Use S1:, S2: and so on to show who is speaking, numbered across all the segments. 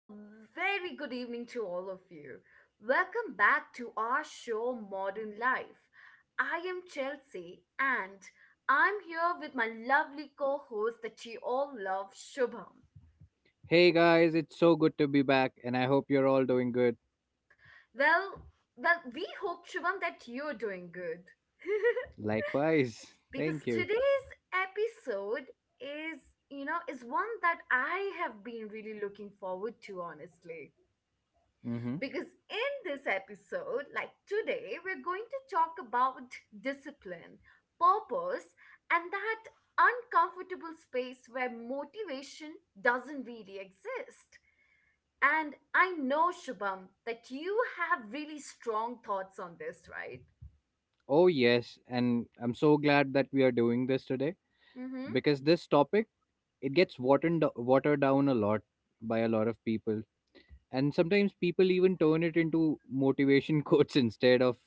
S1: A very good evening to all of you. Welcome back to our show, Modern Life. I am Chelsea, and I'm here with my lovely co host that you all love, Shubham.
S2: Hey guys, it's so good to be back, and I hope you're all doing good.
S1: Well, well, we hope, Shubham, that you're doing good.
S2: Likewise,
S1: Because
S2: thank you.
S1: today's episode is, is one that I have been really looking forward to, honestly.
S2: Hmm.
S1: Because in this episode, like today, we're going to talk about discipline, purpose, and that uncomfortable space where motivation doesn't really exist. And I know, Shubham, that you have really strong thoughts on this, right?
S2: Oh, yes, and I'm so glad that we are doing this today
S1: Mm-hmm.
S2: because this topic, it gets watered down a lot by a lot of people, and sometimes people even turn it into motivation quotes instead of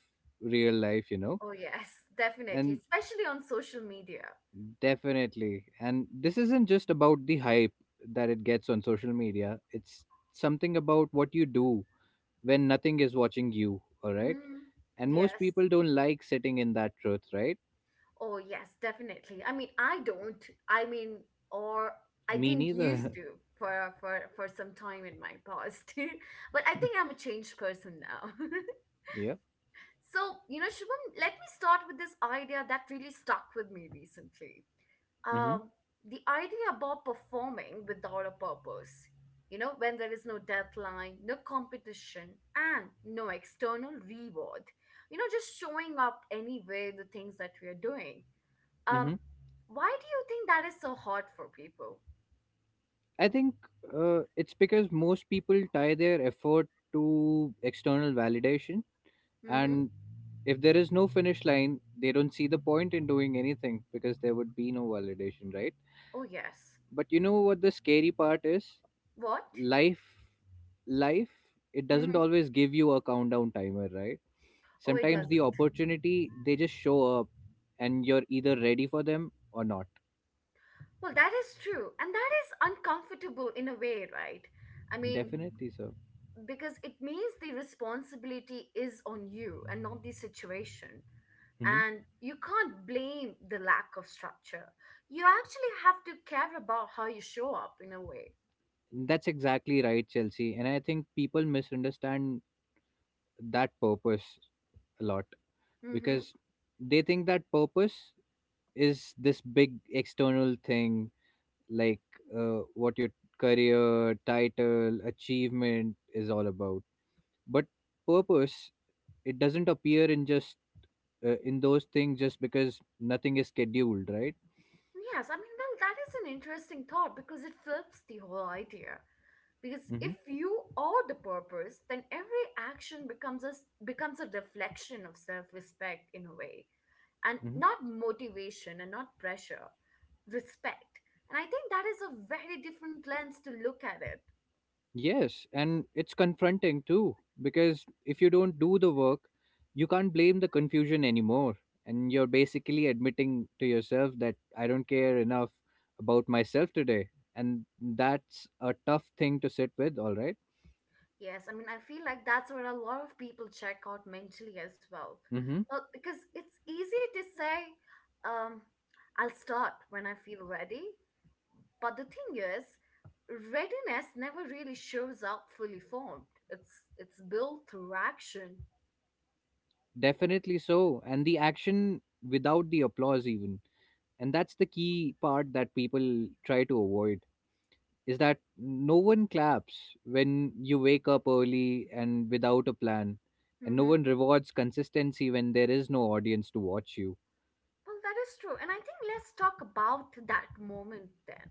S2: real life.
S1: Oh, yes, definitely,
S2: And
S1: especially on social media.
S2: definitely, and this isn't just about the hype that it gets on social media, it's something about what you do when nothing is watching you, all right?
S1: Mm,
S2: And most
S1: yes.
S2: people don't like sitting in that truth, right?
S1: Oh, yes, definitely. I mean, I don't. I mean, or I
S2: Me
S1: didn't
S2: neither.
S1: used to for some time in my past. But I think I'm a changed person now.
S2: Yeah.
S1: So, you know, Shubham, let me start with this idea that really stuck with me recently.
S2: Mm-hmm.
S1: Um, the idea about performing without a purpose. You know, when there is no deadline, no competition, and no external reward. You know, just showing up anyway, the things that we are doing um,
S2: Mm-hmm.
S1: why do you think that is so hard for people?
S2: I think it's because most people tie their effort to external validation.
S1: Mm-hmm.
S2: And if there is no finish line, they don't see the point in doing anything because there would be no validation, right?
S1: Oh, yes.
S2: But you know what the scary part is?
S1: What?
S2: Life life, it doesn't
S1: Mm-hmm.
S2: always give you a countdown timer, right?
S1: Oh, it
S2: Sometimes the
S1: doesn't.
S2: opportunity, they just show up, and you're either ready for them or not.
S1: Well, that is true. And that is uncomfortable in a way, right? I mean,
S2: Definitely, sir.
S1: because it means the responsibility is on you and not the situation.
S2: Hmm.
S1: And you can't blame the lack of structure. You actually have to care about how you show up in a way.
S2: That's exactly right, Chelsea, and I think people misunderstand that purpose a lot
S1: Mm-hmm.
S2: because they think that purpose is this big external thing, like what your career title achievement is all about. But purpose, it doesn't appear in just in those things, just because nothing is scheduled, right?
S1: Yes, I mean, well, that is an interesting thought because it flips the whole idea. Because if
S2: Hmm.
S1: you are the purpose, then every action becomes becomes a reflection of self-respect in a way, and
S2: Hmm.
S1: not motivation and not pressure, respect. And I think that is a very different lens to look at it.
S2: Yes, and it's confronting too, because if you don't do the work, you can't blame the confusion anymore, and you're basically admitting to yourself that I don't care enough about myself today, and that's a tough thing to sit with, all right?
S1: Yes, I mean, I feel like that's where a lot of people check out mentally as well.
S2: Hmm.
S1: Well, because it's easy to say, um, I'll start when I feel ready. But the thing is, readiness never really shows up fully formed. It's built through action.
S2: Definitely so. And the action without the applause, even. And that's the key part that people try to avoid, is that no one claps when you wake up early and without a plan, and no
S1: Mm-hmm.
S2: one rewards consistency when there is no audience to watch you.
S1: Well, that is true. And I think let's talk about that moment then.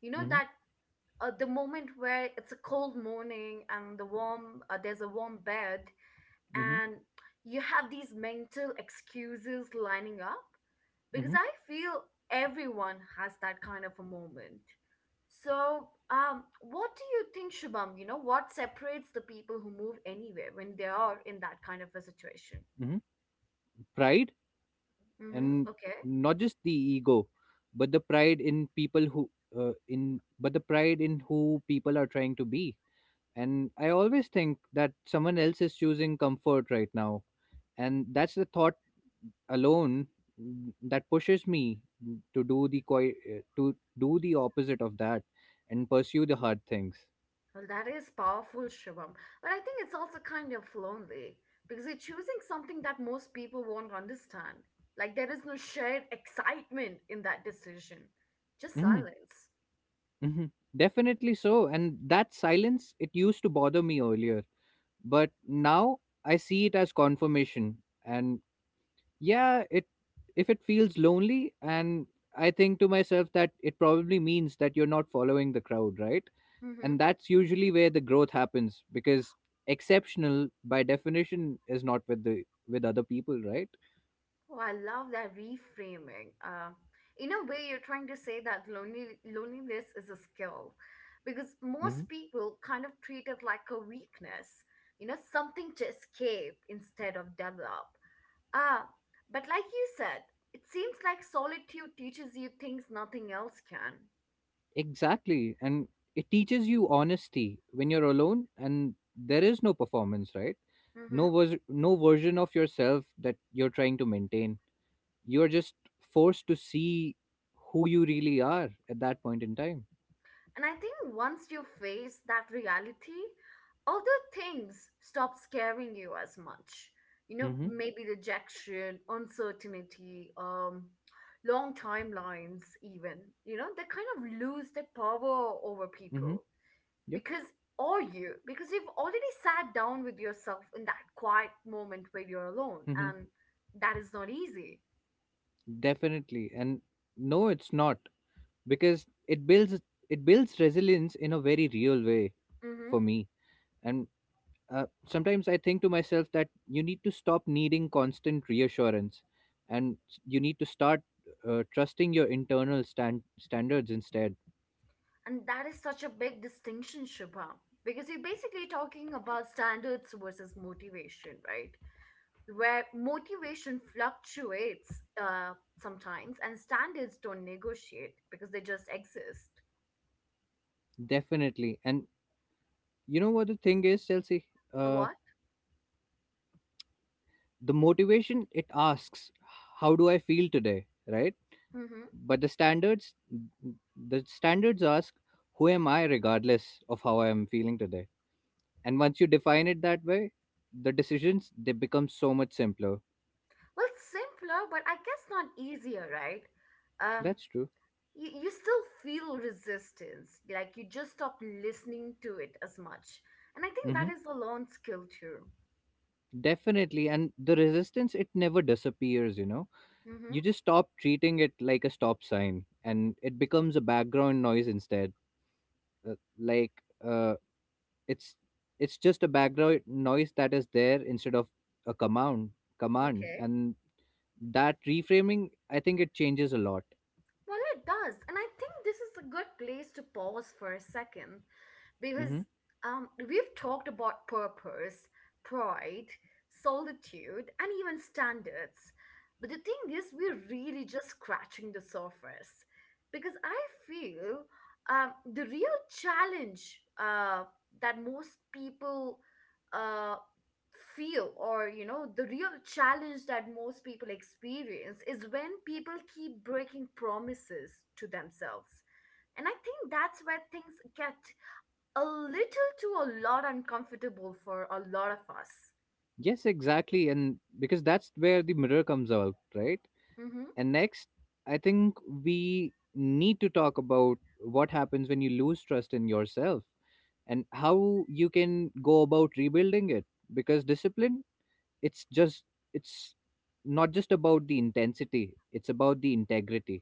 S1: You know,
S2: Hmm.
S1: that the moment where it's a cold morning and the there's a warm bed
S2: Hmm.
S1: and you have these mental excuses lining up because
S2: Hmm.
S1: I feel everyone has that kind of a moment. So, what do you think, Shubham? You know, what separates the people who move anywhere when they are in that kind of a situation?
S2: Hmm. Pride.
S1: Mm-hmm.
S2: And
S1: Okay.
S2: not just the ego, but the pride in who people are trying to be. And I always think that someone else is choosing comfort right now, and that's the thought alone that pushes me to do the opposite of that, and pursue the hard things.
S1: Well, that is powerful, Shubham. But I think it's also kind of lonely because you're choosing something that most people won't understand. Like, there is no shared excitement in that decision, just
S2: Hmm.
S1: silence.
S2: Hmm. Definitely so, and that silence, it used to bother me earlier, but now I see it as confirmation. And yeah, it if it feels lonely, and I think to myself that it probably means that you're not following the crowd, right?
S1: Mm-hmm.
S2: And that's usually where the growth happens, because exceptional, by definition, is not with other people, right?
S1: Oh, I love that reframing. In a way, you're trying to say that loneliness is a skill because most
S2: Hmm.
S1: people kind of treat it like a weakness, you know, something to escape instead of develop. Ah, but like you said, it seems like solitude teaches you things nothing else can.
S2: Exactly, and it teaches you honesty when you're alone, and there is no performance, right?
S1: Mm-hmm.
S2: No version of yourself that you're trying to maintain. You're just forced to see who you really are at that point in time.
S1: And I think once you face that reality, other things stop scaring you as much. You know,
S2: Mm-hmm.
S1: maybe rejection, uncertainty, long timelines, even. You know, they kind of lose their power over
S2: Mm-hmm.
S1: people
S2: Yep.
S1: because, or you, because you've already sat down with yourself in that quiet moment where you're alone,
S2: Mm-hmm.
S1: and that is not easy.
S2: Definitely, and no, it's not, because it builds resilience in a very real way
S1: Mm-hmm.
S2: for me. And sometimes I think to myself that you need to stop needing constant reassurance, and you need to start trusting your internal standards instead.
S1: And that is such a big distinction, Shubha, because you're basically talking about standards versus motivation, right? Where motivation fluctuates sometimes and standards don't negotiate because they just exist.
S2: Definitely, and you know what the thing is, Chelsea? uh,
S1: What?
S2: the motivation, it asks, how do I feel today, right?
S1: Mm-hmm.
S2: But the standards ask, who am I regardless of how I am feeling today? And once you define it that way, the decisions, they become so much simpler.
S1: Well, simpler, but I guess not easier, right? Um,
S2: That's true.
S1: you still feel resistance, like you just stop listening to it as much. And I think that
S2: Hmm.
S1: is a learned skill too.
S2: Definitely. And the resistance, it never disappears, you know?
S1: Mm-hmm.
S2: You just stop treating it like a stop sign, and it becomes a background noise instead. Like, uh, it's it's just a background noise that is there instead of a command.
S1: Okay.
S2: And that reframing, I think it changes a lot.
S1: Well, it does. And I think this is a good place to pause for a second
S2: Hmm.
S1: because we've talked about purpose, pride, solitude, and even standards. But the thing is, we're really just scratching the surface because I feel the real challenge that most people uh, feel, or you know, the real challenge that most people experience is when people keep breaking promises to themselves. And I think that's where things get a little to a lot uncomfortable for a lot of us.
S2: Yes, exactly, and because that's where the mirror comes out, right?
S1: Hmm
S2: And next, I think we need to talk about what happens when you lose trust in yourself, and how you can go about rebuilding it, because discipline, it's just it's not just about the intensity, it's about the integrity.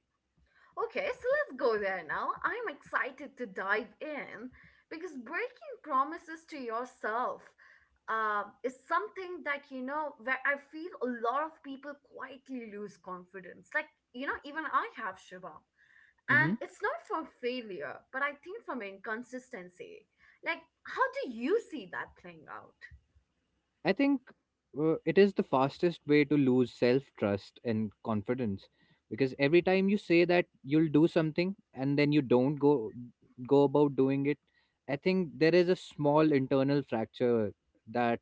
S1: Okay, so let's go there now. I'm excited to dive in because breaking promises to yourself is something that, you know, where I feel a lot of people quietly lose confidence. Like, you know, even I have Shiva. And
S2: Mhm.
S1: it's not from failure, but I think from inconsistency. Like, how do you see that playing out?
S2: I think it is the fastest way to lose self trust and confidence, because every time you say that you'll do something and then you don't go about doing it, I think there is a small internal fracture that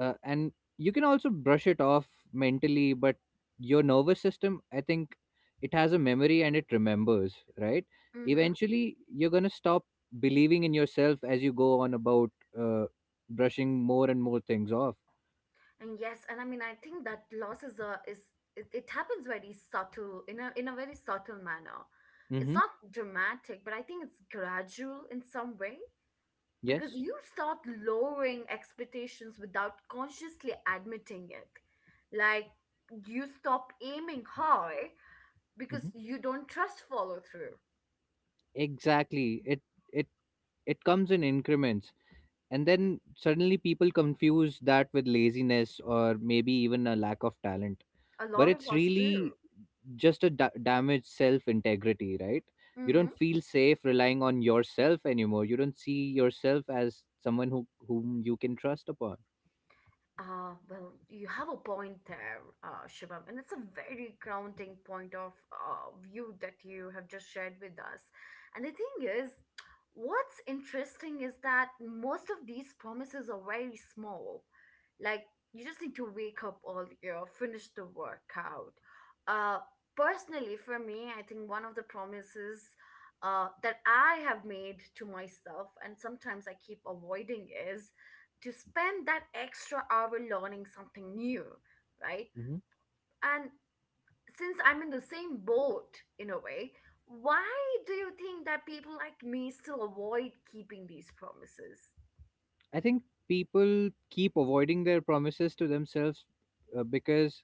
S2: and you can also brush it off mentally, but your nervous system, I think it has a memory and it remembers, right?
S1: Mm-hmm.
S2: Eventually, you're gonna stop believing in yourself as you go on about uh, brushing more and more things off.
S1: And yes, and I mean, I think that loss is a is it happens very subtle in a very subtle manner. It's
S2: Mm-hmm.
S1: not dramatic, but I think it's gradual in some way. Because
S2: Yes.
S1: you start lowering expectations without consciously admitting it. Like you stop aiming high because
S2: Mm-hmm.
S1: you don't trust follow through.
S2: Exactly. It it comes in increments, and then suddenly people confuse that with laziness or maybe even a lack of talent.
S1: A
S2: But
S1: lot of
S2: it's
S1: us do.
S2: really just a damaged self integrity, right? You don't
S1: Mm-hmm.
S2: feel safe relying on yourself anymore. You don't see yourself as someone whom you can trust upon.
S1: Well, you have a point there, Shivam, and it's a very grounding point of view that you have just shared with us. And the thing is, what's interesting is that most of these promises are very small. Like, you just need to wake up earlier, finish the workout. Uh, Personally, for me, I think one of the promises that I have made to myself, and sometimes I keep avoiding, is to spend that extra hour learning something new, right?
S2: Hmm.
S1: And since I'm in the same boat in a way, why do you think that people like me still avoid keeping these promises?
S2: I think people keep avoiding their promises to themselves because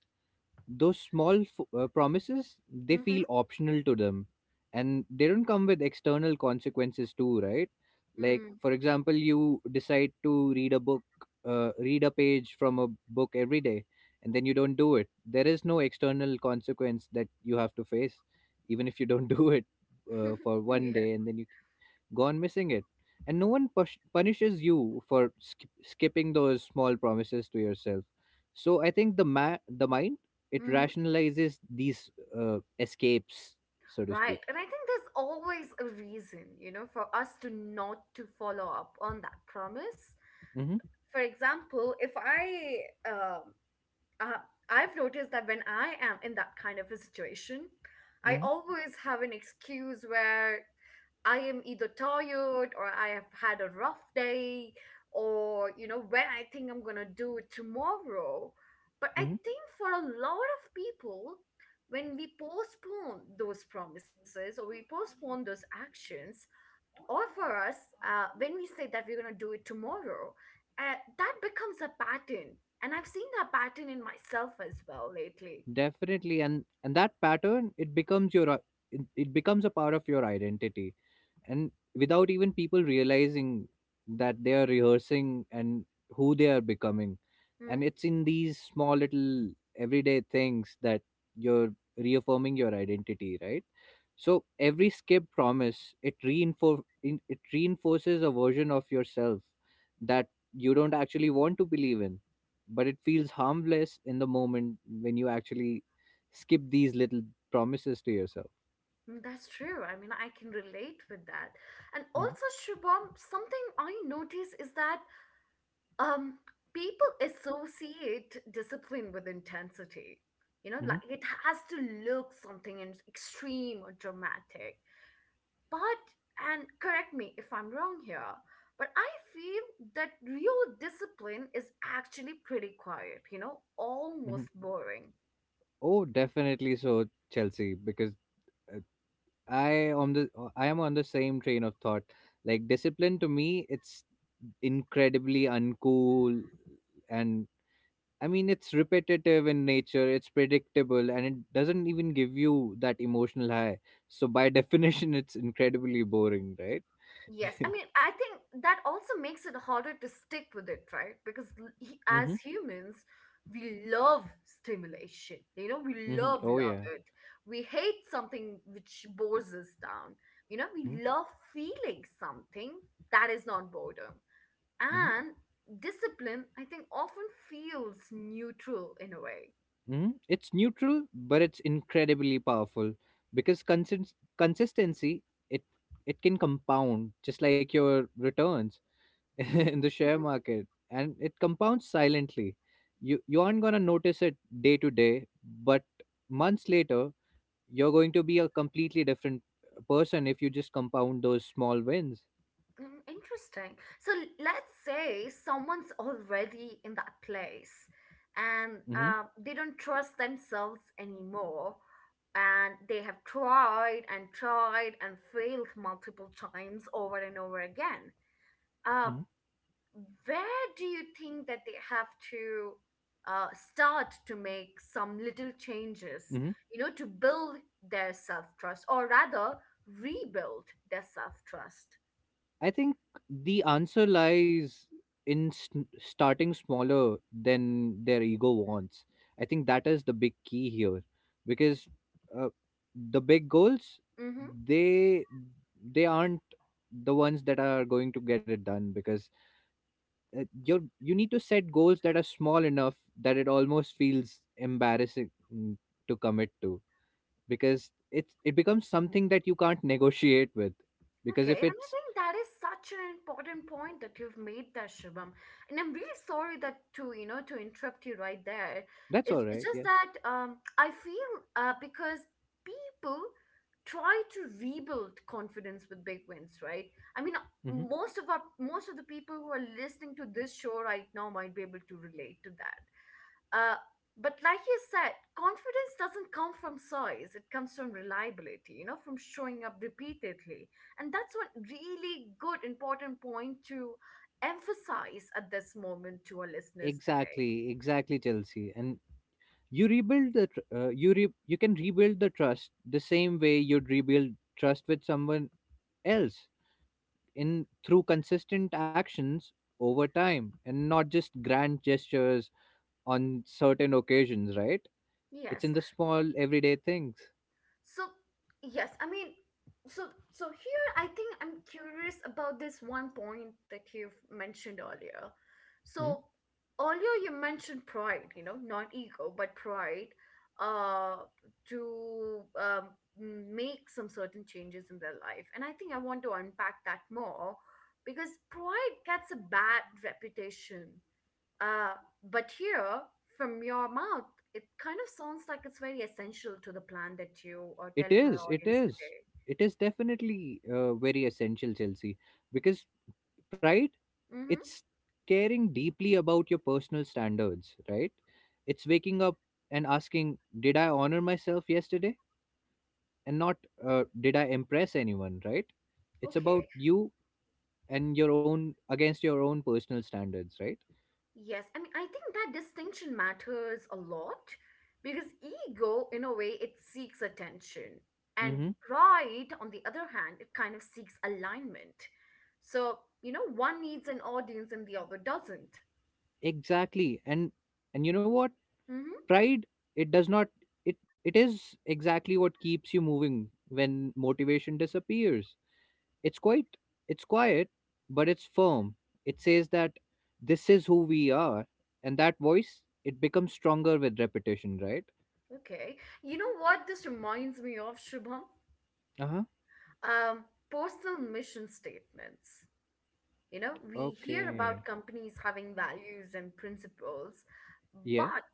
S2: those small promises, they
S1: Mm-hmm.
S2: feel optional to them, and they don't come with external consequences too, right? Like,
S1: Mm.
S2: for example, you decide to read a page from a book every day, and then you don't do it. There is no external consequence that you have to face, even if you don't do it for one
S1: yeah.
S2: day, and then you gone missing it. And no one punishes you for skipping those small promises to yourself. So I think the mind, it
S1: Mm-hmm.
S2: rationalizes these escapes, so to
S1: Right.
S2: speak.
S1: And I think there's always a reason, you know, for us to not to follow up on that promise.
S2: Hmm.
S1: For example, if uh, I've noticed that when I am in that kind of a situation, I
S2: Hmm.
S1: always have an excuse where I am either tired or I have had a rough day or, you know, when I think I'm going to do it tomorrow. But I
S2: Hmm.
S1: think for a lot of people, when we postpone those promises or we postpone those actions, or for us, when we say that we're going to do it tomorrow, that becomes a pattern. And I've seen that pattern in myself as well lately.
S2: Definitely, and that pattern, it becomes your it becomes a part of your identity, and without even people realizing that they are rehearsing and who they are becoming.
S1: Hmm?
S2: And it's in these small little everyday things that you're reaffirming your identity, right? So every skipped promise, it reinforces a version of yourself that you don't actually want to believe in, but it feels harmless in the moment, when you actually skip these little promises to yourself.
S1: Mm, that's true. I mean, I can relate with that. And
S2: Hmm.
S1: also, Shubham, something I notice is that um, people associate discipline with intensity. You know, like it has to look something extreme or dramatic. But, and correct me if I'm wrong here, but I feel that real discipline is actually pretty quiet, you know,
S2: Hmm.
S1: almost boring.
S2: Oh, definitely so, Chelsea, because uh, I am on the same train of thought. Like, discipline to me, it's incredibly uncool, and I mean, it's repetitive in nature, it's predictable, and it doesn't even give you that emotional high. So by definition, it's incredibly boring, right?
S1: Yes, I mean, I think that also makes it harder to stick with it, right? Because
S2: Mhm.
S1: as humans, we love stimulation, you know, we
S2: Mhm.
S1: love,
S2: Oh
S1: love
S2: yeah.
S1: it. We hate something which bores us down, you know,
S2: Mhm.
S1: we love feeling something that is not boredom.
S2: Mhm.
S1: And discipline, I think, often feels neutral in a way.
S2: Mhm. It's neutral, but it's incredibly powerful, because consistency, it it can compound just like your returns in the share
S1: Mhm.
S2: market, and it compounds silently. You aren't gonna notice it day to day, but months later you're going to be a completely different person if you just compound those small wins.
S1: Mm, interesting. So let's say someone's already in that place and
S2: Mm-hmm.
S1: they don't trust themselves anymore and they have tried and tried and failed multiple times over and over again. Uh,
S2: Mm-hmm.
S1: where do you think that they have to start to make some little changes,
S2: Mm-hmm.
S1: you know, to build their self trust or rather rebuild their self trust?
S2: I think the answer lies in sn starting smaller than their ego wants. I think that is the big key here, because uh, the big goals,
S1: Mm-hmm.
S2: they they aren't the ones that are going to get it done, because you need to set goals that are small enough that it almost feels embarrassing to commit to, because it becomes something that you can't negotiate with, because
S1: Okay,
S2: if
S1: and I
S2: it's...
S1: think that is such an important point that you've made there, Shubham. And I'm really sorry that to, you know, to interrupt you right there.
S2: That's all
S1: It's
S2: right,
S1: just
S2: yeah.
S1: that I feel because people try to rebuild confidence with big wins, right? I mean,
S2: Hmm.
S1: most of the people who are listening to this show right now might be able to relate to that. Uh, but like you said, confidence doesn't come from size. It comes from reliability, you know, from showing up repeatedly. And that's one really good, important point to emphasize at this moment to our listeners today.
S2: Exactly, exactly, Chelsea. And you rebuild the tr- you re- you can rebuild the trust the same way you'd rebuild trust with someone else, in through consistent actions over time, and not just grand gestures on certain occasions, right? It's
S1: Yes.
S2: in the small everyday things.
S1: So, yes, I mean, so so here I think I'm curious about this one point that you've mentioned earlier.
S2: Mhm.
S1: So, earlier you mentioned pride, you know, not ego, but pride uh to make some certain changes in their life. And I think I want to unpack that more because pride gets a bad reputation uh, but here, from your mouth, it kind of sounds like it's very essential to the plan that you are
S2: It
S1: telling our
S2: is. It
S1: audience
S2: is.
S1: today.
S2: It is definitely very essential, Chelsea, because pride,
S1: Mm-hmm.
S2: it's caring deeply about your personal standards, right? It's waking up and asking, did I honor myself yesterday? And not, did I impress anyone, right? It's about
S1: Okay.
S2: you against your own personal standards, right?
S1: Yes. I mean, I think that distinction matters a lot because ego, in a way, it seeks attention. And
S2: Mm-hmm.
S1: pride, on the other hand, it kind of seeks alignment. So, you know, one needs an audience and the other doesn't.
S2: Exactly. And you know what?
S1: Mm-hmm.
S2: Pride, it does not, it is exactly what keeps you moving when motivation disappears. It's quite it's quiet, but it's firm. It says that this is who we are, and that voice, it becomes stronger with repetition, right?
S1: Okay. You know what this reminds me of, Shubham?
S2: Uh huh.
S1: um, Personal mission statements. You know, we hear
S2: Okay.
S1: about companies having values and principles,
S2: Yeah.
S1: but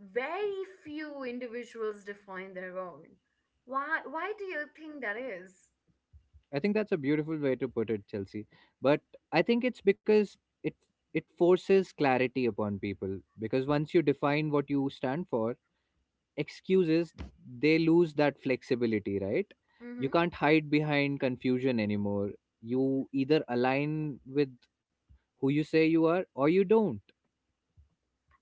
S1: very few individuals define their own. Why do you think that is?
S2: I think that's a beautiful way to put it, Chelsea. But I think it's because it it forces clarity upon people, because once you define what you stand for, excuses, they lose that flexibility, right? You
S1: Mm-hmm.
S2: can't hide behind confusion anymore. You either align with who you say you are, or you don't.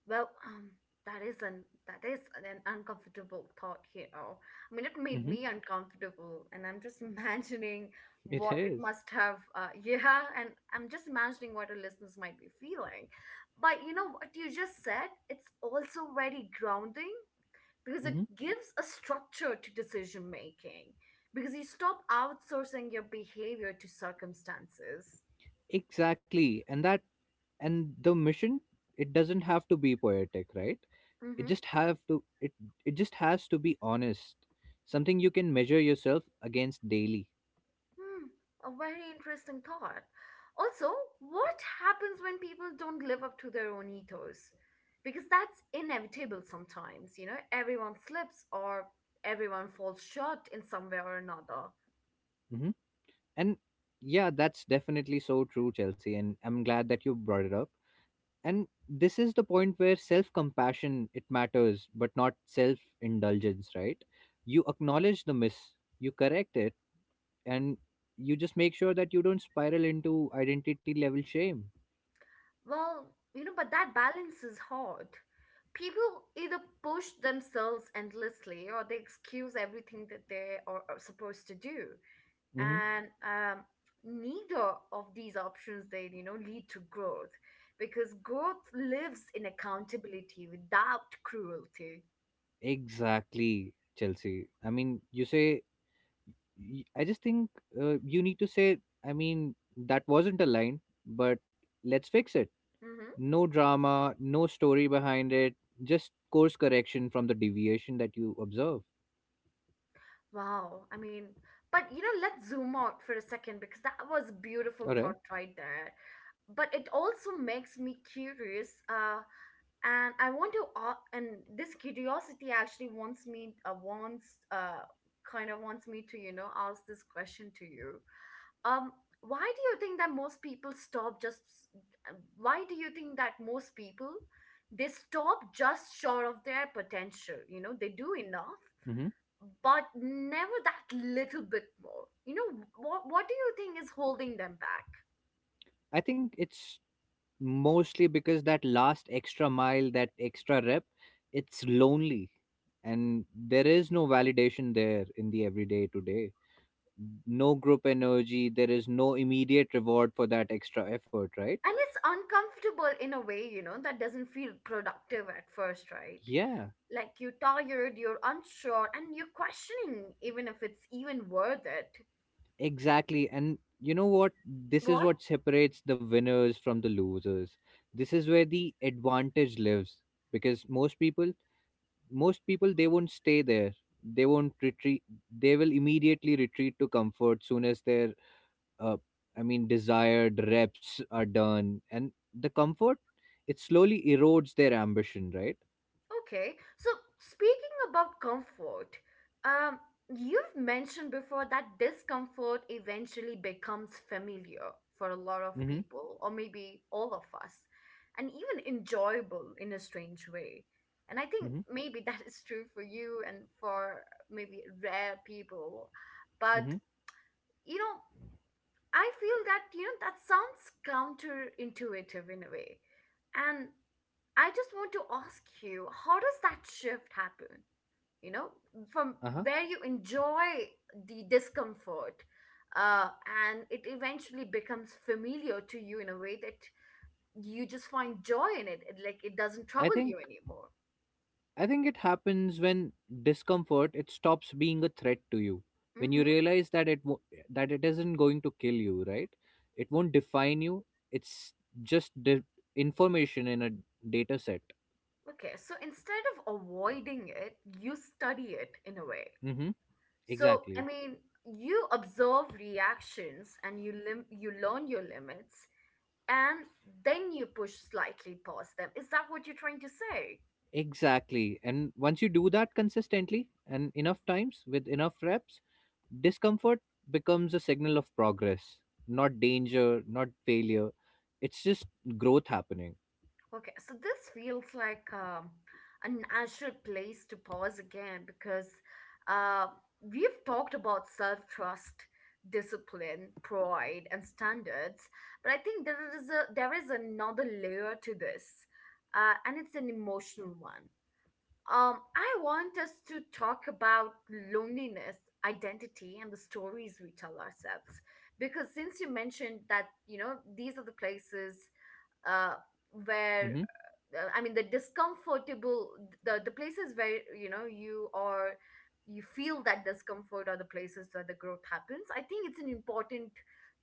S1: Well, um, that is an uncomfortable thought here. I mean, it made
S2: Hmm.
S1: me uncomfortable, and I'm just imagining
S2: It
S1: what it
S2: is.
S1: must have. Yeah, and I'm just imagining what our listeners might be feeling. But you know what you just said? It's also very grounding because it
S2: Mhm.
S1: gives a structure to decision making. Because you stop outsourcing your behavior to circumstances.
S2: Exactly. And the mission, it doesn't have to be poetic, right? It
S1: Mm-hmm.
S2: just have to it it just has to be honest. Something you can measure yourself against daily.
S1: Hmm, a very interesting thought. Also, what happens when people don't live up to their own ethos? Because that's inevitable sometimes, you know, everyone slips or everyone falls short in some way or another.
S2: Hmm. And yeah, that's definitely so true, Chelsea. And I'm glad that you brought it up. And this is the point where self-compassion, it matters, but not self-indulgence, right? You acknowledge the miss, you correct it, and you just make sure that you don't spiral into identity level shame.
S1: Well, you know, but that balance is hard. People either push themselves endlessly or they excuse everything that they are supposed to do.
S2: Hmm.
S1: And Neither of these options they lead to growth because growth lives in accountability without cruelty.
S2: Exactly, Chelsea. I mean, you say, I just think, you need to say, I mean that wasn't a line, but let's fix it.
S1: Hmm.
S2: No drama, no story behind it, just course correction from the deviation that you observe.
S1: Wow. I mean, but you know, let's zoom out for a second because that was beautiful
S2: All right.
S1: thought right there. But it also makes me curious, and I want to, and this curiosity actually wants me, wants, kind of wants me to, you know, ask this question to you. Um, why do you think that most people stop just, why do you think that most people, they stop just short of their potential? You know, they do enough
S2: Hmm.
S1: but never that little bit more. You know, what do you think is holding them back?
S2: I think it's mostly because that last extra mile, that extra rep, it's lonely. And there is no validation there in the everyday to day, no group energy, there is no immediate reward for that extra effort, right?
S1: And it's uncomfortable in a way, you know, that doesn't feel productive at first, right?
S2: Yeah,
S1: Like you're tired, you're unsure, and you're questioning even if it's even worth it.
S2: exactly. And you know what, this is
S1: What?
S2: what separates the winners from the losers. This is where the advantage lives because most people they won't stay there, they won't retreat, they will immediately retreat to comfort soon as their uh, desired reps are done, and the comfort, it slowly erodes their ambition, right?
S1: Okay, so speaking about comfort, um, you've mentioned before that discomfort eventually becomes familiar for a lot of
S2: Mm-hmm.
S1: people, or maybe all of us, and even enjoyable in a strange way. And I think
S2: Mm-hmm.
S1: maybe that is true for you and for maybe rare people. But,
S2: Mm-hmm.
S1: you know, I feel that, you know, that sounds counterintuitive in a way. And I just want to ask you, how does that shift happen? You know, from
S2: Uh huh.
S1: where you enjoy the discomfort, and it eventually becomes familiar to you in a way that you just find joy in it. Like it doesn't
S2: I
S1: trouble
S2: think
S1: you anymore.
S2: I think it happens when discomfort, it stops being a threat to you, when you
S1: Mm-hmm.
S2: realize that that it isn't going to kill you, right? It won't define you. It's just the information in a data set.
S1: Okay, so instead of avoiding it, you study it in a way.
S2: Mm-hmm.
S1: So, I
S2: Exactly.
S1: mean, you observe reactions and you you learn your limits and then you push slightly past them. Is that what you're trying to say?
S2: Exactly. And once you do that consistently and enough times with enough reps, discomfort becomes a signal of progress, not danger, not failure. It's just growth happening.
S1: Okay, so this feels like a natural place to pause again because uh, we've talked about self trust, discipline, pride, and standards, but I think there is another layer to this, and it's an emotional one. I want us to talk about loneliness, identity, and the stories we tell ourselves. Because since you mentioned that, you know, these are the places uh, where,
S2: Hmm.
S1: I mean, the discomfortable, the places where, you know, you are, you feel that discomfort are the places where the growth happens. I think it's an important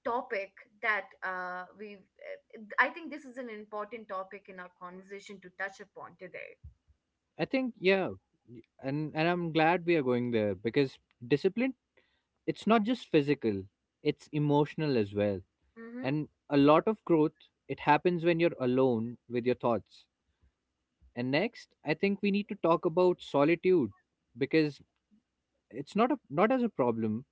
S1: topic that I think this is an important topic in our conversation to touch upon today.
S2: I think, yeah. And I'm glad we are going there, because discipline, it's not just physical, it's emotional as well.
S1: Mm-hmm.
S2: And a lot of growth, it happens when you're alone with your thoughts. And next, I think we need to talk about solitude because it's not a not as a problem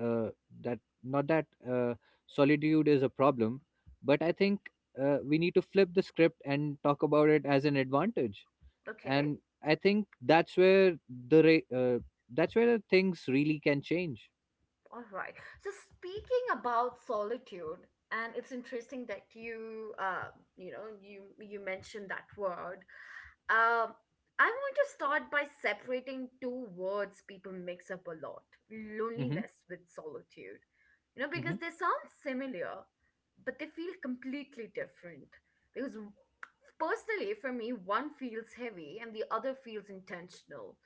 S2: uh, that not that solitude is a problem, but I think we need to flip the script and talk about it as an advantage.
S1: Okay.
S2: And I think the ra- uh, that's where the things really can change.
S1: All right. So speaking about solitude, and it's interesting that you, you know, you mentioned that word. Um, I want to start by separating two words people mix up a lot:
S2: Hmm.
S1: loneliness with solitude. You know, because
S2: Hmm.
S1: they sound similar, but they feel completely different. Because personally, for me, one feels heavy and the other feels intentional.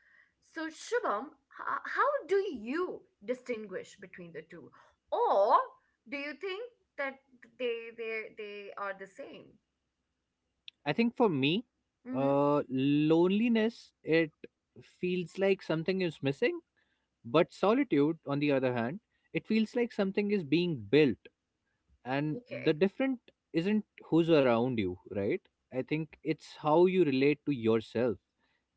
S1: So, Shubham, how do you distinguish between the two? Or do you think that they are the same?
S2: I think for me,
S1: Mm-hmm.
S2: uh, loneliness, it feels like something is missing. But solitude, on the other hand, it feels like something is being built. And the
S1: Okay.
S2: different isn't who's around you, right? I think it's how you relate to yourself,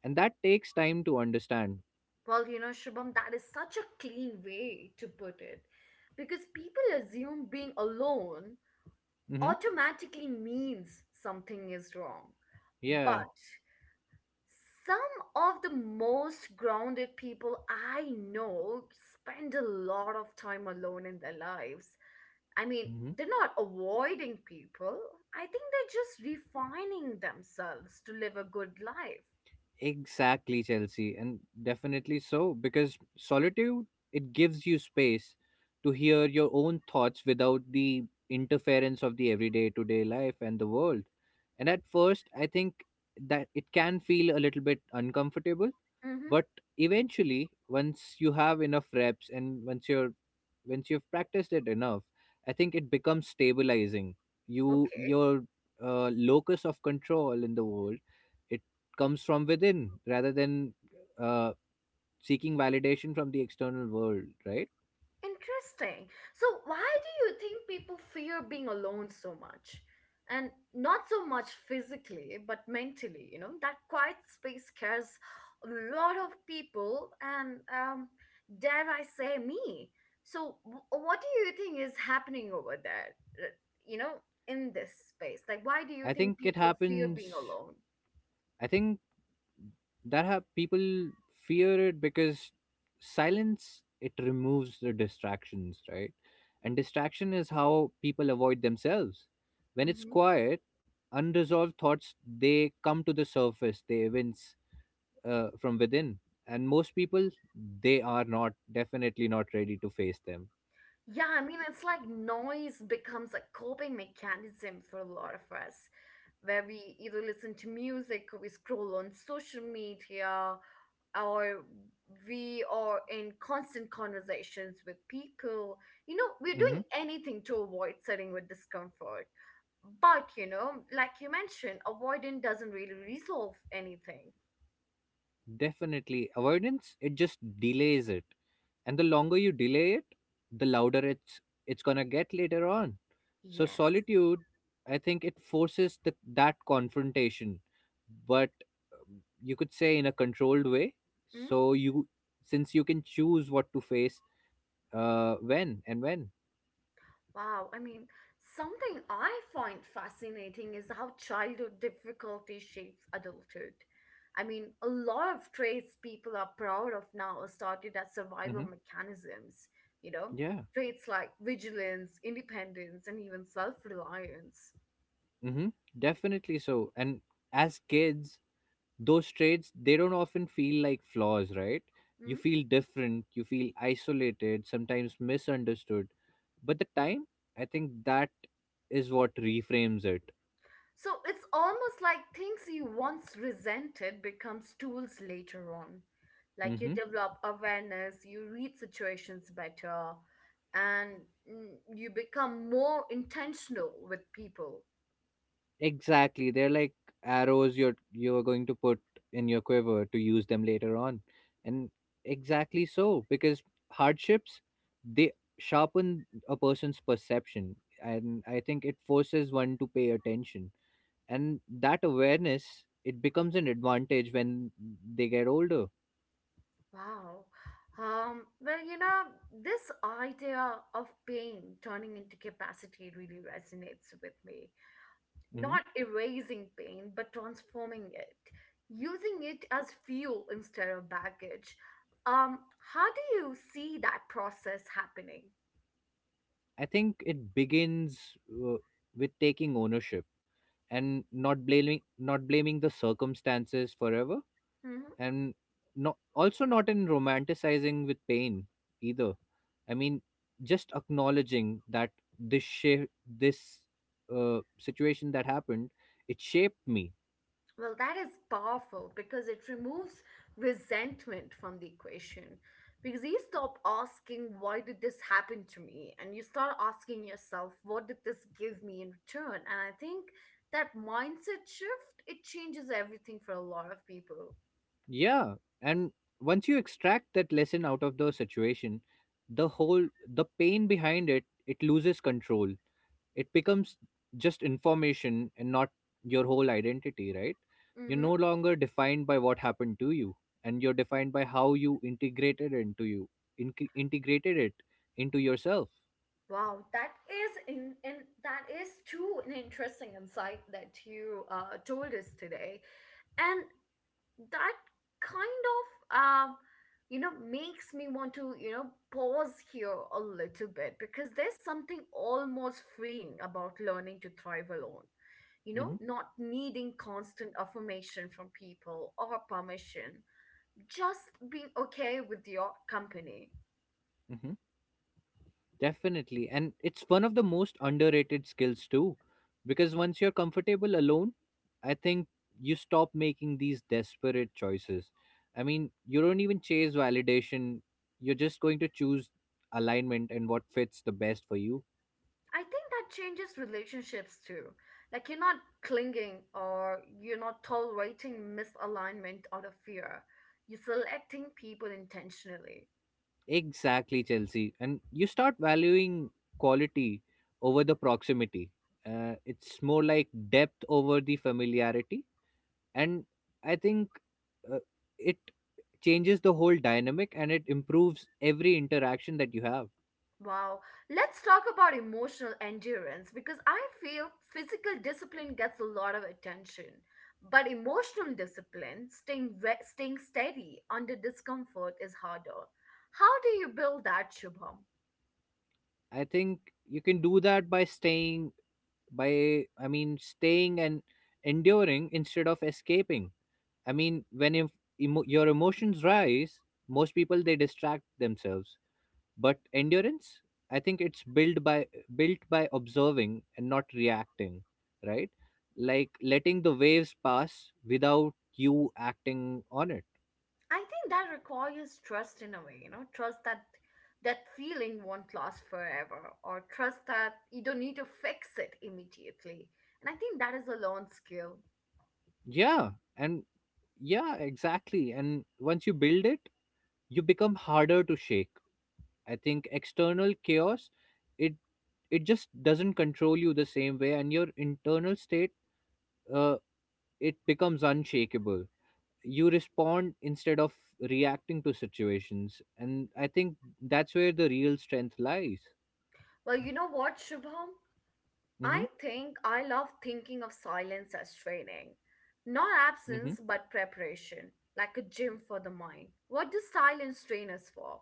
S2: and that takes time to understand.
S1: Well, you know, Shubham, that is such a clean way to put it. Because people assume being alone
S2: Hmm.
S1: automatically means something is wrong.
S2: Yeah.
S1: But some of the most grounded people I know spend a lot of time alone in their lives. I mean,
S2: Hmm.
S1: they're not avoiding people. I think they're just refining themselves to live a good life.
S2: Exactly, Chelsea. And definitely so, because solitude, it gives you space to hear your own thoughts without the interference of the everyday to day life and the world. And at first, I think that it can feel a little bit uncomfortable.
S1: Mm-hmm.
S2: But eventually, once you have enough reps, and once you've practiced it enough, I think it becomes stabilizing. you
S1: Okay.
S2: your uh, locus of control in the world, it comes from within rather than uh, seeking validation from the external world, right?
S1: Interesting. So, why do you think people fear being alone so much? And not so much physically, but mentally, you know, that quiet space scares a lot of people and, dare I say, me. So, what do you think is happening over there? Uh, You know, in this space? Like, why do you
S2: i
S1: think
S2: think it
S1: people fear being
S2: happens
S1: alone?
S2: I think that have people fear it because silence, it removes the distractions, right? And distraction is how people avoid themselves. When it's
S1: Hmm.
S2: quiet, unresolved thoughts, they come to the surface, they evince from within. And most people, they are not, definitely not ready to face them.
S1: Yeah, I mean, it's like noise becomes a coping mechanism for a lot of us, where we either listen to music or we scroll on social media or we are in constant conversations with people. You know, we're
S2: Mhm.
S1: doing anything to avoid sitting with discomfort. But, you know, like you mentioned, avoidance doesn't really resolve anything.
S2: Definitely. Avoidance, it just delays it. And the longer you delay it, the louder it's gonna get later on. So
S1: Yes.
S2: solitude, I think it forces that confrontation, but you could say in a controlled way. So you, since you can choose what to face, when and when.
S1: Wow, I mean, something I find fascinating is how childhood difficulty shapes adulthood. I mean, a lot of traits people are proud of now started as survival
S2: Hmm.
S1: mechanisms, you know,
S2: Yeah.
S1: traits like vigilance, independence, and even self reliance.
S2: Hmm. Definitely so. And as kids, those traits, they don't often feel like flaws, right? You feel different, you feel isolated, sometimes misunderstood. But the time, I think that is what reframes it.
S1: So it's almost like things you once resented becomes tools later on. Like you
S2: Hmm.
S1: develop awareness, you read situations better, and mm, you become more intentional with people.
S2: Exactly. They're like arrows you're going to put in your quiver to use them later on. And exactly so, because hardships, they sharpen a person's perception, and I think it forces one to pay attention. And that awareness, it becomes an advantage when they get older.
S1: Wow. Well, you know, this idea of pain turning into capacity really resonates with me
S2: Hmm.
S1: not erasing pain, but transforming it, using it as fuel instead of baggage. Um, how do you see that process happening?
S2: I think it begins uh, with taking ownership, and not blaming the circumstances forever.
S1: Mhm.
S2: And not, also not in romanticizing with pain, either. I mean, just acknowledging that this shape this uh, situation that happened, it shaped me.
S1: Well, that is powerful because it removes resentment from the equation. Because you stop asking, why did this happen to me? And you start asking yourself, what did this give me in return? And I think that mindset shift, it changes everything for a lot of people.
S2: Yeah, and once you extract that lesson out of the situation, the pain behind it, it loses control. It becomes just information and not your whole identity, right? You're
S1: Mm-hmm.
S2: no longer defined by what happened to you, and you're defined by how you integrated it into you, integrated it into yourself.
S1: Wow, that is in that is too an interesting insight that you told us today, and that kind of you know makes me want to you know pause here a little bit because there's something almost freeing about learning to thrive alone. You know,
S2: Mm-hmm.
S1: not needing constant affirmation from people or permission, just being okay with your company.
S2: Mm-hmm. Definitely. And it's one of the most underrated skills too. Because once you're comfortable alone, I think you stop making these desperate choices. I mean, you don't even chase validation. You're just going to choose alignment and what fits the best for you.
S1: I think that changes relationships too. Like you're not clinging or you're not tolerating misalignment out of fear. You're selecting people intentionally.
S2: Exactly, Chelsea. And you start valuing quality over the proximity. It's more like depth over the familiarity. And I think, uh, it changes the whole dynamic and it improves every interaction that you have.
S1: Wow. Let's talk about emotional endurance because I feel physical discipline gets a lot of attention. But emotional discipline, staying steady under discomfort is harder. How do you build that, Shubham?
S2: I think you can do that by staying, by I mean staying and enduring instead of escaping. I mean, when if your emotions rise, most people, they distract themselves. But endurance, I think it's built by observing and not reacting, right? Like letting the waves pass without you acting on it.
S1: I think that requires trust in a way, you know, trust that that feeling won't last forever, or trust that you don't need to fix it immediately. And I think that is a learned skill.
S2: Yeah. And yeah, exactly. And once you build it, you become harder to shake. I think external chaos, it it just doesn't control you the same way, and your internal state, uh, it becomes unshakable. You respond instead of reacting to situations, and I think that's where the real strength lies.
S1: Well, you know what, Shubham?
S2: Mm-hmm.
S1: I think I love thinking of silence as training. Not
S2: Mm-hmm.
S1: absence, but preparation, like a gym for the mind. What does silence train us for?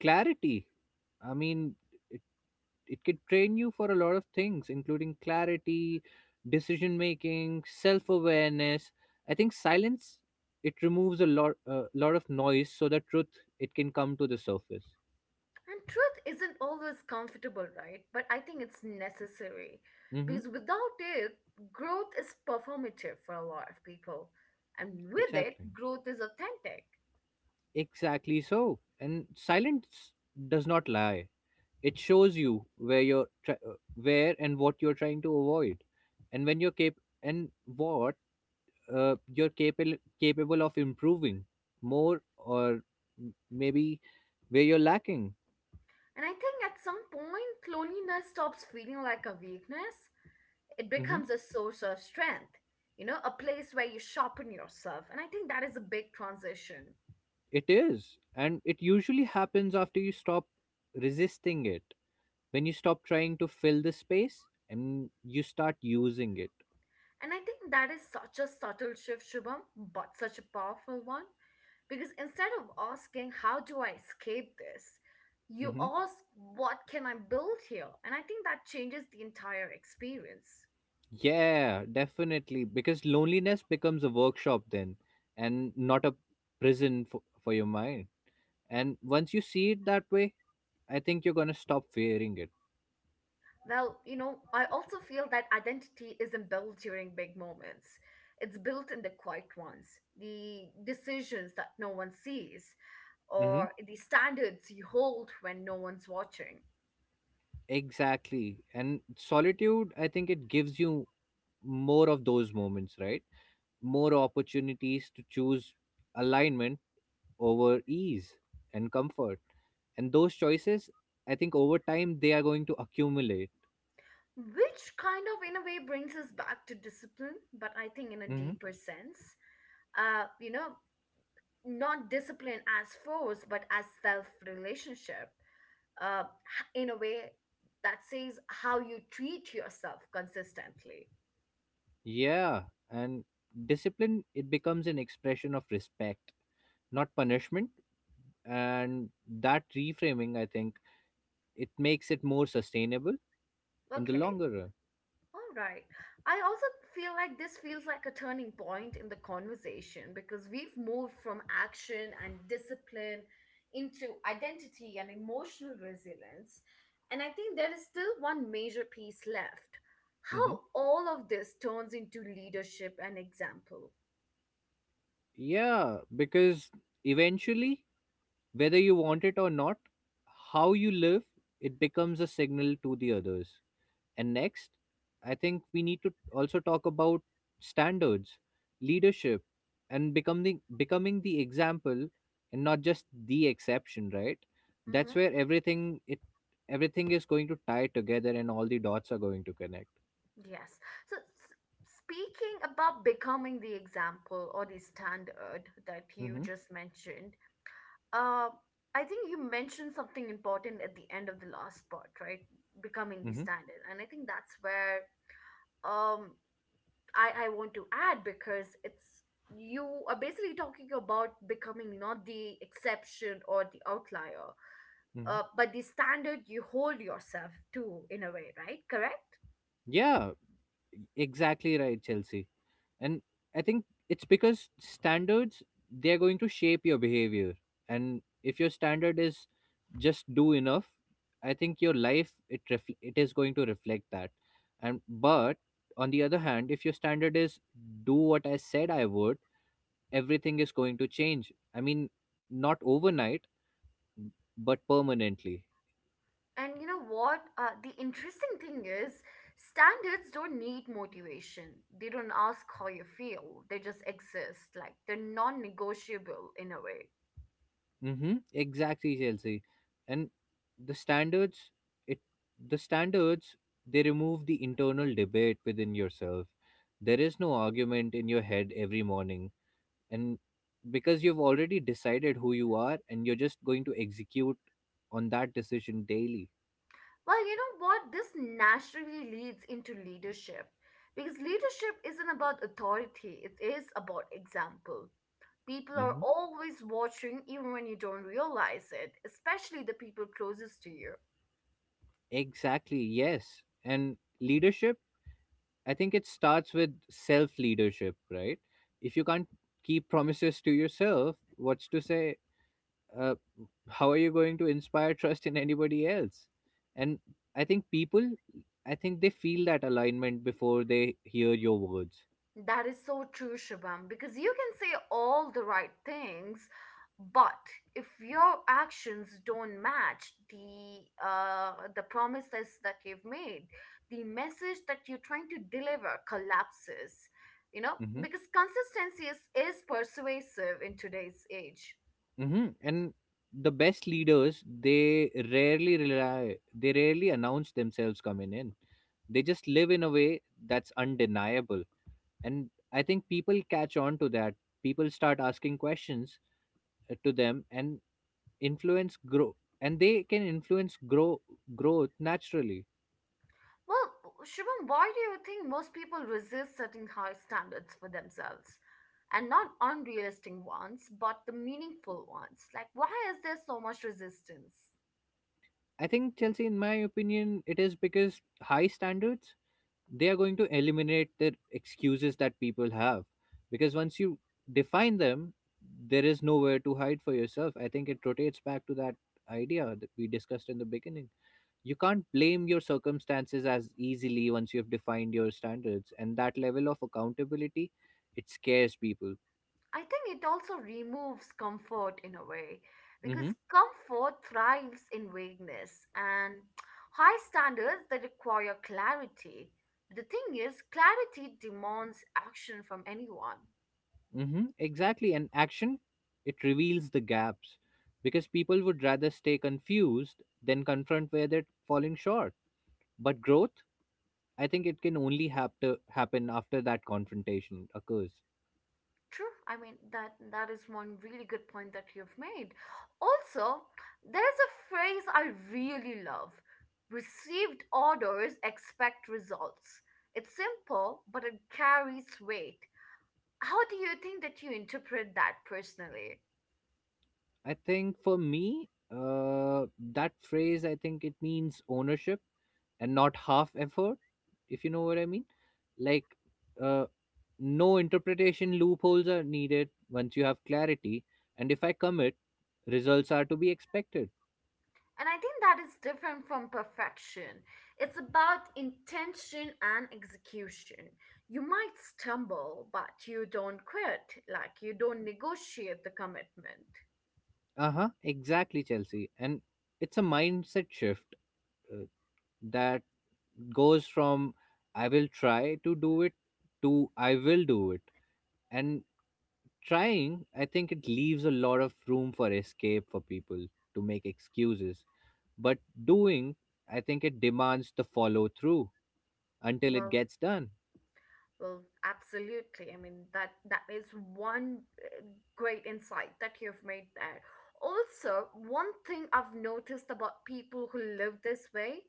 S2: Clarity. I mean, it could train you for a lot of things including clarity, decision making, self-awareness. I think silence, it removes a lot of noise, so that truth, it can come to the surface.
S1: And truth isn't always comfortable, right? But I think it's necessary
S2: Mm-hmm.
S1: because without it, growth is performative for a lot of people. And with
S2: Exactly.
S1: it, growth is authentic.
S2: Exactly so. And silence does not lie. It shows you where and what you're trying to avoid. And when you're cap and what you're capable of improving more, or maybe where you're lacking.
S1: And I think at some point, loneliness stops feeling like a weakness. It
S2: Mhm.
S1: becomes a source of strength, you know, a place where you sharpen yourself. And I think that is a big transition.
S2: It is. And it usually happens after you stop resisting it, when you stop trying to fill the space and you start using it.
S1: And I think that is such a subtle shift, Shubham, but such a powerful one. Because instead of asking, how do I escape this? You
S2: Hmm.
S1: ask, what can I build here? And I think that changes the entire experience.
S2: Yeah, definitely, because loneliness becomes a workshop then, and not a prison for your mind. And once you see it that way, I think you're going to stop fearing it.
S1: Well, you know, I also feel that identity isn't built during big moments. It's built in the quiet ones, the decisions that no one sees,
S2: Hmm.
S1: or the standards you hold when no one's watching.
S2: Exactly. And solitude, I think it gives you more of those moments, right? More opportunities to choose alignment over ease and comfort. And those choices, I think over time, they are going to accumulate.
S1: Which kind of, in a way, brings us back to discipline, but I think in a
S2: Hmm.
S1: deeper sense. You know, not discipline as force but as self relationship uh, in a way that says how you treat yourself consistently.
S2: Yeah. And discipline, it becomes an expression of respect, not punishment. And that reframing, I think, it makes it more sustainable in the
S1: Okay.
S2: longer run.
S1: All right. I also feel like this feels like a turning point in the conversation because we've moved from action and discipline into identity and emotional resilience, and I think there is still one major piece left: how
S2: Mm-hmm.
S1: all of this turns into leadership and example.
S2: Yeah, because eventually, whether you want it or not, how you live, it becomes a signal to the others. And next, I think we need to also talk about standards, leadership, and becoming the example and not just the exception, right?
S1: Mm-hmm.
S2: That's where everything is going to tie together, and all the dots are going to connect.
S1: Yes. So, speaking about becoming the example or the standard that you
S2: Mm-hmm.
S1: just mentioned, uh, I think you mentioned something important at the end of the last part, right? Becoming the
S2: Mm-hmm.
S1: standard, and I think that's where um I want to add because it's you are basically talking about becoming not the exception or the outlier,
S2: Mm-hmm.
S1: but the standard you hold yourself to, in a way, right? Correct.
S2: Yeah, exactly right, Chelsea. And I think it's because standards, they're going to shape your behavior. And if your standard is just do enough, I think your life, it is going to reflect that. And but on the other hand, if your standard is do what I said I would, everything is going to change. I mean, not overnight, but permanently.
S1: And you know what, the interesting thing is standards don't need motivation. They don't ask how you feel, they just exist, like they're non-negotiable in a way.
S2: Mm-hmm. Exactly, Chelsea. And the standards, it the standards, they remove the internal debate within yourself. There is no argument in your head every morning, and because you've already decided who you are, and you're just going to execute on that decision daily.
S1: Well, you know what, this naturally leads into leadership, because leadership isn't about authority, it is about example. People are
S2: Hmm.
S1: always watching, even when you don't realize it, especially the people closest to you.
S2: Exactly. Yes. And leadership, I think it starts with self leadership, right? If you can't keep promises to yourself, what's to say? uh, how are you going to inspire trust in anybody else? And i think people I think they feel that alignment before they hear your words.
S1: That is so true, Shubham, because you can say all the right things, but if your actions don't match the the promises that you've made, the message that you're trying to deliver collapses. You know,
S2: Hmm.
S1: because consistency is persuasive in today's age.
S2: Hmm. And the best leaders, they rarely announce themselves coming in. They just live in a way that's undeniable. And I think people catch on to that. People start asking questions, to them. And influence grow, and they can influence growth naturally.
S1: Well, Shubham, why do you think most people resist setting high standards for themselves? And not unrealistic ones, but the meaningful ones. Like, why is there so much resistance?
S2: I think, Chelsea, in my opinion, it is because high standards, they are going to eliminate the excuses that people have. Because once you define them, there is nowhere to hide for yourself. I think it rotates back to that idea that we discussed in the beginning. You can't blame your circumstances as easily once you have defined your standards, and that level of accountability, it scares people.
S1: I think it also removes comfort in a way, because
S2: Mhm.
S1: comfort thrives in vagueness, and high standards that require clarity. The thing is, clarity demands action from anyone.
S2: Mm-hmm, exactly. And action, it reveals the gaps, because people would rather stay confused than confront where they're falling short. But growth, I think it can only have to happen after that confrontation occurs.
S1: True. I mean, that is one really good point that you've made. Also, there's a phrase I really love. Received orders expect results. It's simple, but it carries weight. How do you think that you interpret that personally?
S2: I think for me, uh, that phrase, I think it means ownership, and not half effort, if you know what I mean. Like, uh, no interpretation loopholes are needed once you have clarity. And if I commit, results are to be expected.
S1: And I think that is different from perfection. It's about intention and execution. You might stumble, but you don't quit, like you don't negotiate the commitment.
S2: Uh-huh. Exactly, Chelsea. And it's a mindset shift, uh, that goes from I will try to do it, to I will do it. And trying, I think it leaves a lot of room for escape for people to make excuses. But doing, I think it demands the follow through until it
S1: Well.
S2: gets done.
S1: Well, absolutely. I mean, that is one great insight that you've made there. Also, one thing I've noticed about people who live this way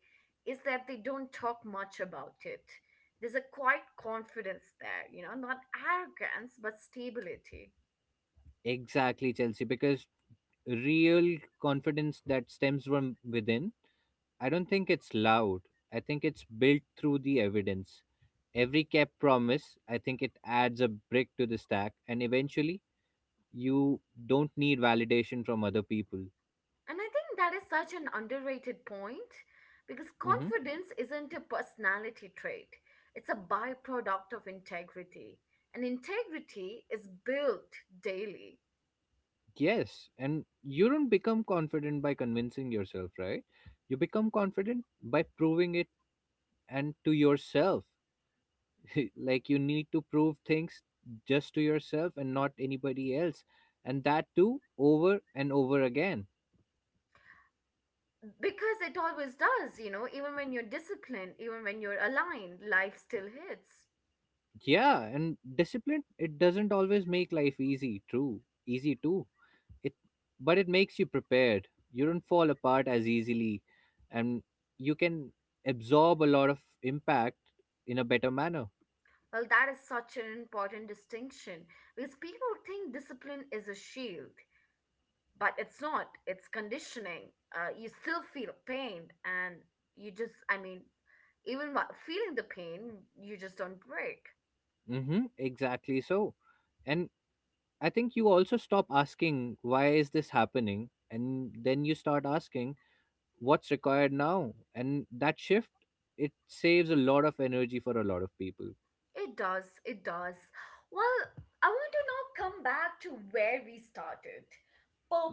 S1: is that they don't talk much about it. There's a quiet confidence there, you know, not arrogance, but stability.
S2: Exactly, Chelsea, because real confidence that stems from within, I don't think it's loud. I think it's built through the evidence. Every kept promise, I think it adds a brick to the stack, and eventually you don't need validation from other people.
S1: And I think that is such an underrated point, because
S2: Hmm.
S1: confidence isn't a personality trait, it's a byproduct of integrity. And integrity is built daily,
S2: Yes, and you don't become confident by convincing yourself, right? You become confident by proving it, and to yourself. Like, you need to prove things just to yourself and not anybody else, and that too over and over again.
S1: because it always does, you know, even when you're disciplined, even when you're aligned, life still hits.
S2: Yeah, and discipline, it doesn't always make life easy, true. Easy too. It But it makes you prepared. You don't fall apart as easily, and you can absorb a lot of impact in a better manner.
S1: Well, that is such an important distinction, because people think discipline is a shield, but it's not, it's conditioning. You still feel pain, and you just, I mean, even while feeling the pain, you just don't break.
S2: Mhm, exactly so. And I think you also stop asking why is this happening, and then you start asking what's required now, and that shift, it saves a lot of energy for a lot of people.
S1: It does, it does. Well, I want to now come back to where we started: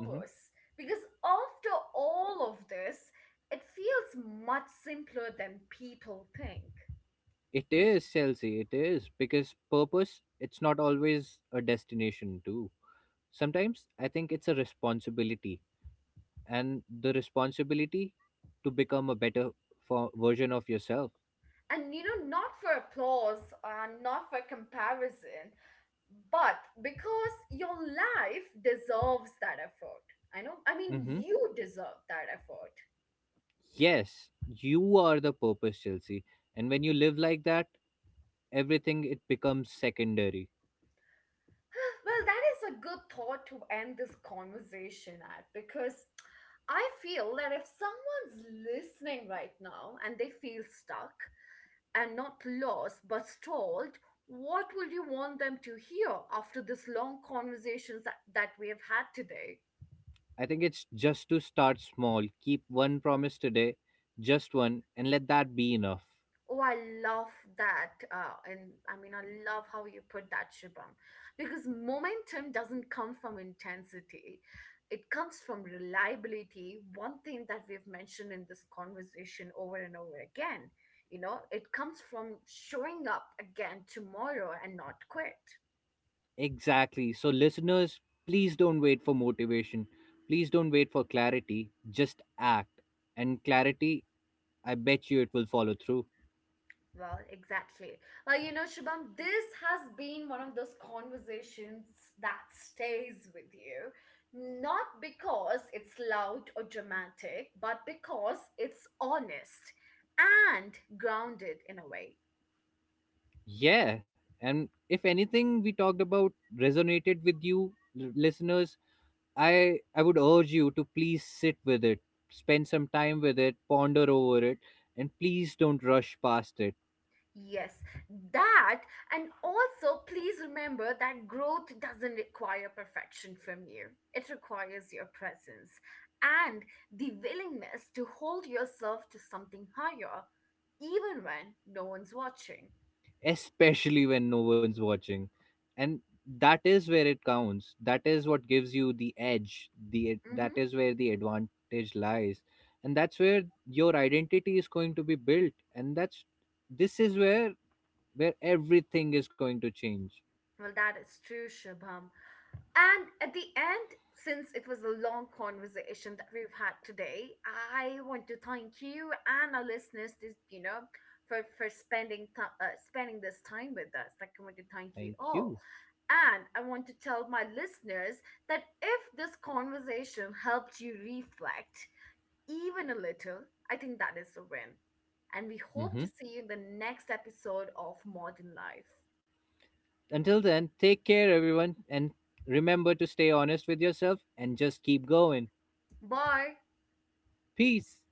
S2: Mm-hmm.
S1: Because after all of this, it feels much simpler than people think.
S2: It is, Chelsea, it is. Because purpose, it's not always a destination, too. Sometimes I think it's a responsibility, and the responsibility to become a better for version of yourself.
S1: And you know, not for applause and not for comparison, but because your life deserves that effort. I know, I mean,
S2: Mm-hmm.
S1: you deserve that effort.
S2: Yes, you are the purpose, Chelsea. And when you live like that, everything, it becomes secondary.
S1: Well, that is a good thought to end this conversation at, because I feel that if someone's listening right now and they feel stuck, and not lost but stalled, what would you want them to hear after this long conversations that we have had today?
S2: I think it's just to start small. Keep one promise today, just one, and let that be enough.
S1: Oh, I love that. And I mean, I love how you put that, Shubham, because momentum doesn't come from intensity, it comes from reliability. One thing that we've mentioned in this conversation over and over again, you know, it comes from showing up again tomorrow and not quit.
S2: Exactly. So, listeners, please don't wait for motivation. Please don't wait for clarity. Just act. And clarity, I bet you it will follow through.
S1: Well, exactly. Well, you know, Shubham, this has been one of those conversations that stays with you. Not because it's loud or dramatic, but because it's honest and grounded in a way.
S2: Yeah. And if anything we talked about resonated with you, listeners, I would urge you to please sit with it, spend some time with it, ponder over it, and please don't rush past it.
S1: Yes, that. And also, please remember that growth doesn't require perfection from you, it requires your presence and the willingness to hold yourself to something higher even when no one's watching.
S2: Especially when no one's watching. And that is where it counts. That is what gives you the edge. The That
S1: Hmm.
S2: is where the advantage lies. And that's where your identity is going to be built. And that's This is where everything is going to change.
S1: Well, that is true, Shubham. And at the end, since it was a long conversation that we've had today, I want to thank you and our listeners, this, you know, for for spending this time with us. Like, I want to thank
S2: Thank
S1: you
S2: you.
S1: all, and I want to tell my listeners that if this conversation helped you reflect, even a little, I think that is a win. And we hope to
S2: Hmm.
S1: see you in the next episode of Modern Life.
S2: Until then, take care everyone, and remember to stay honest with yourself and just keep going.
S1: Bye.
S2: Peace.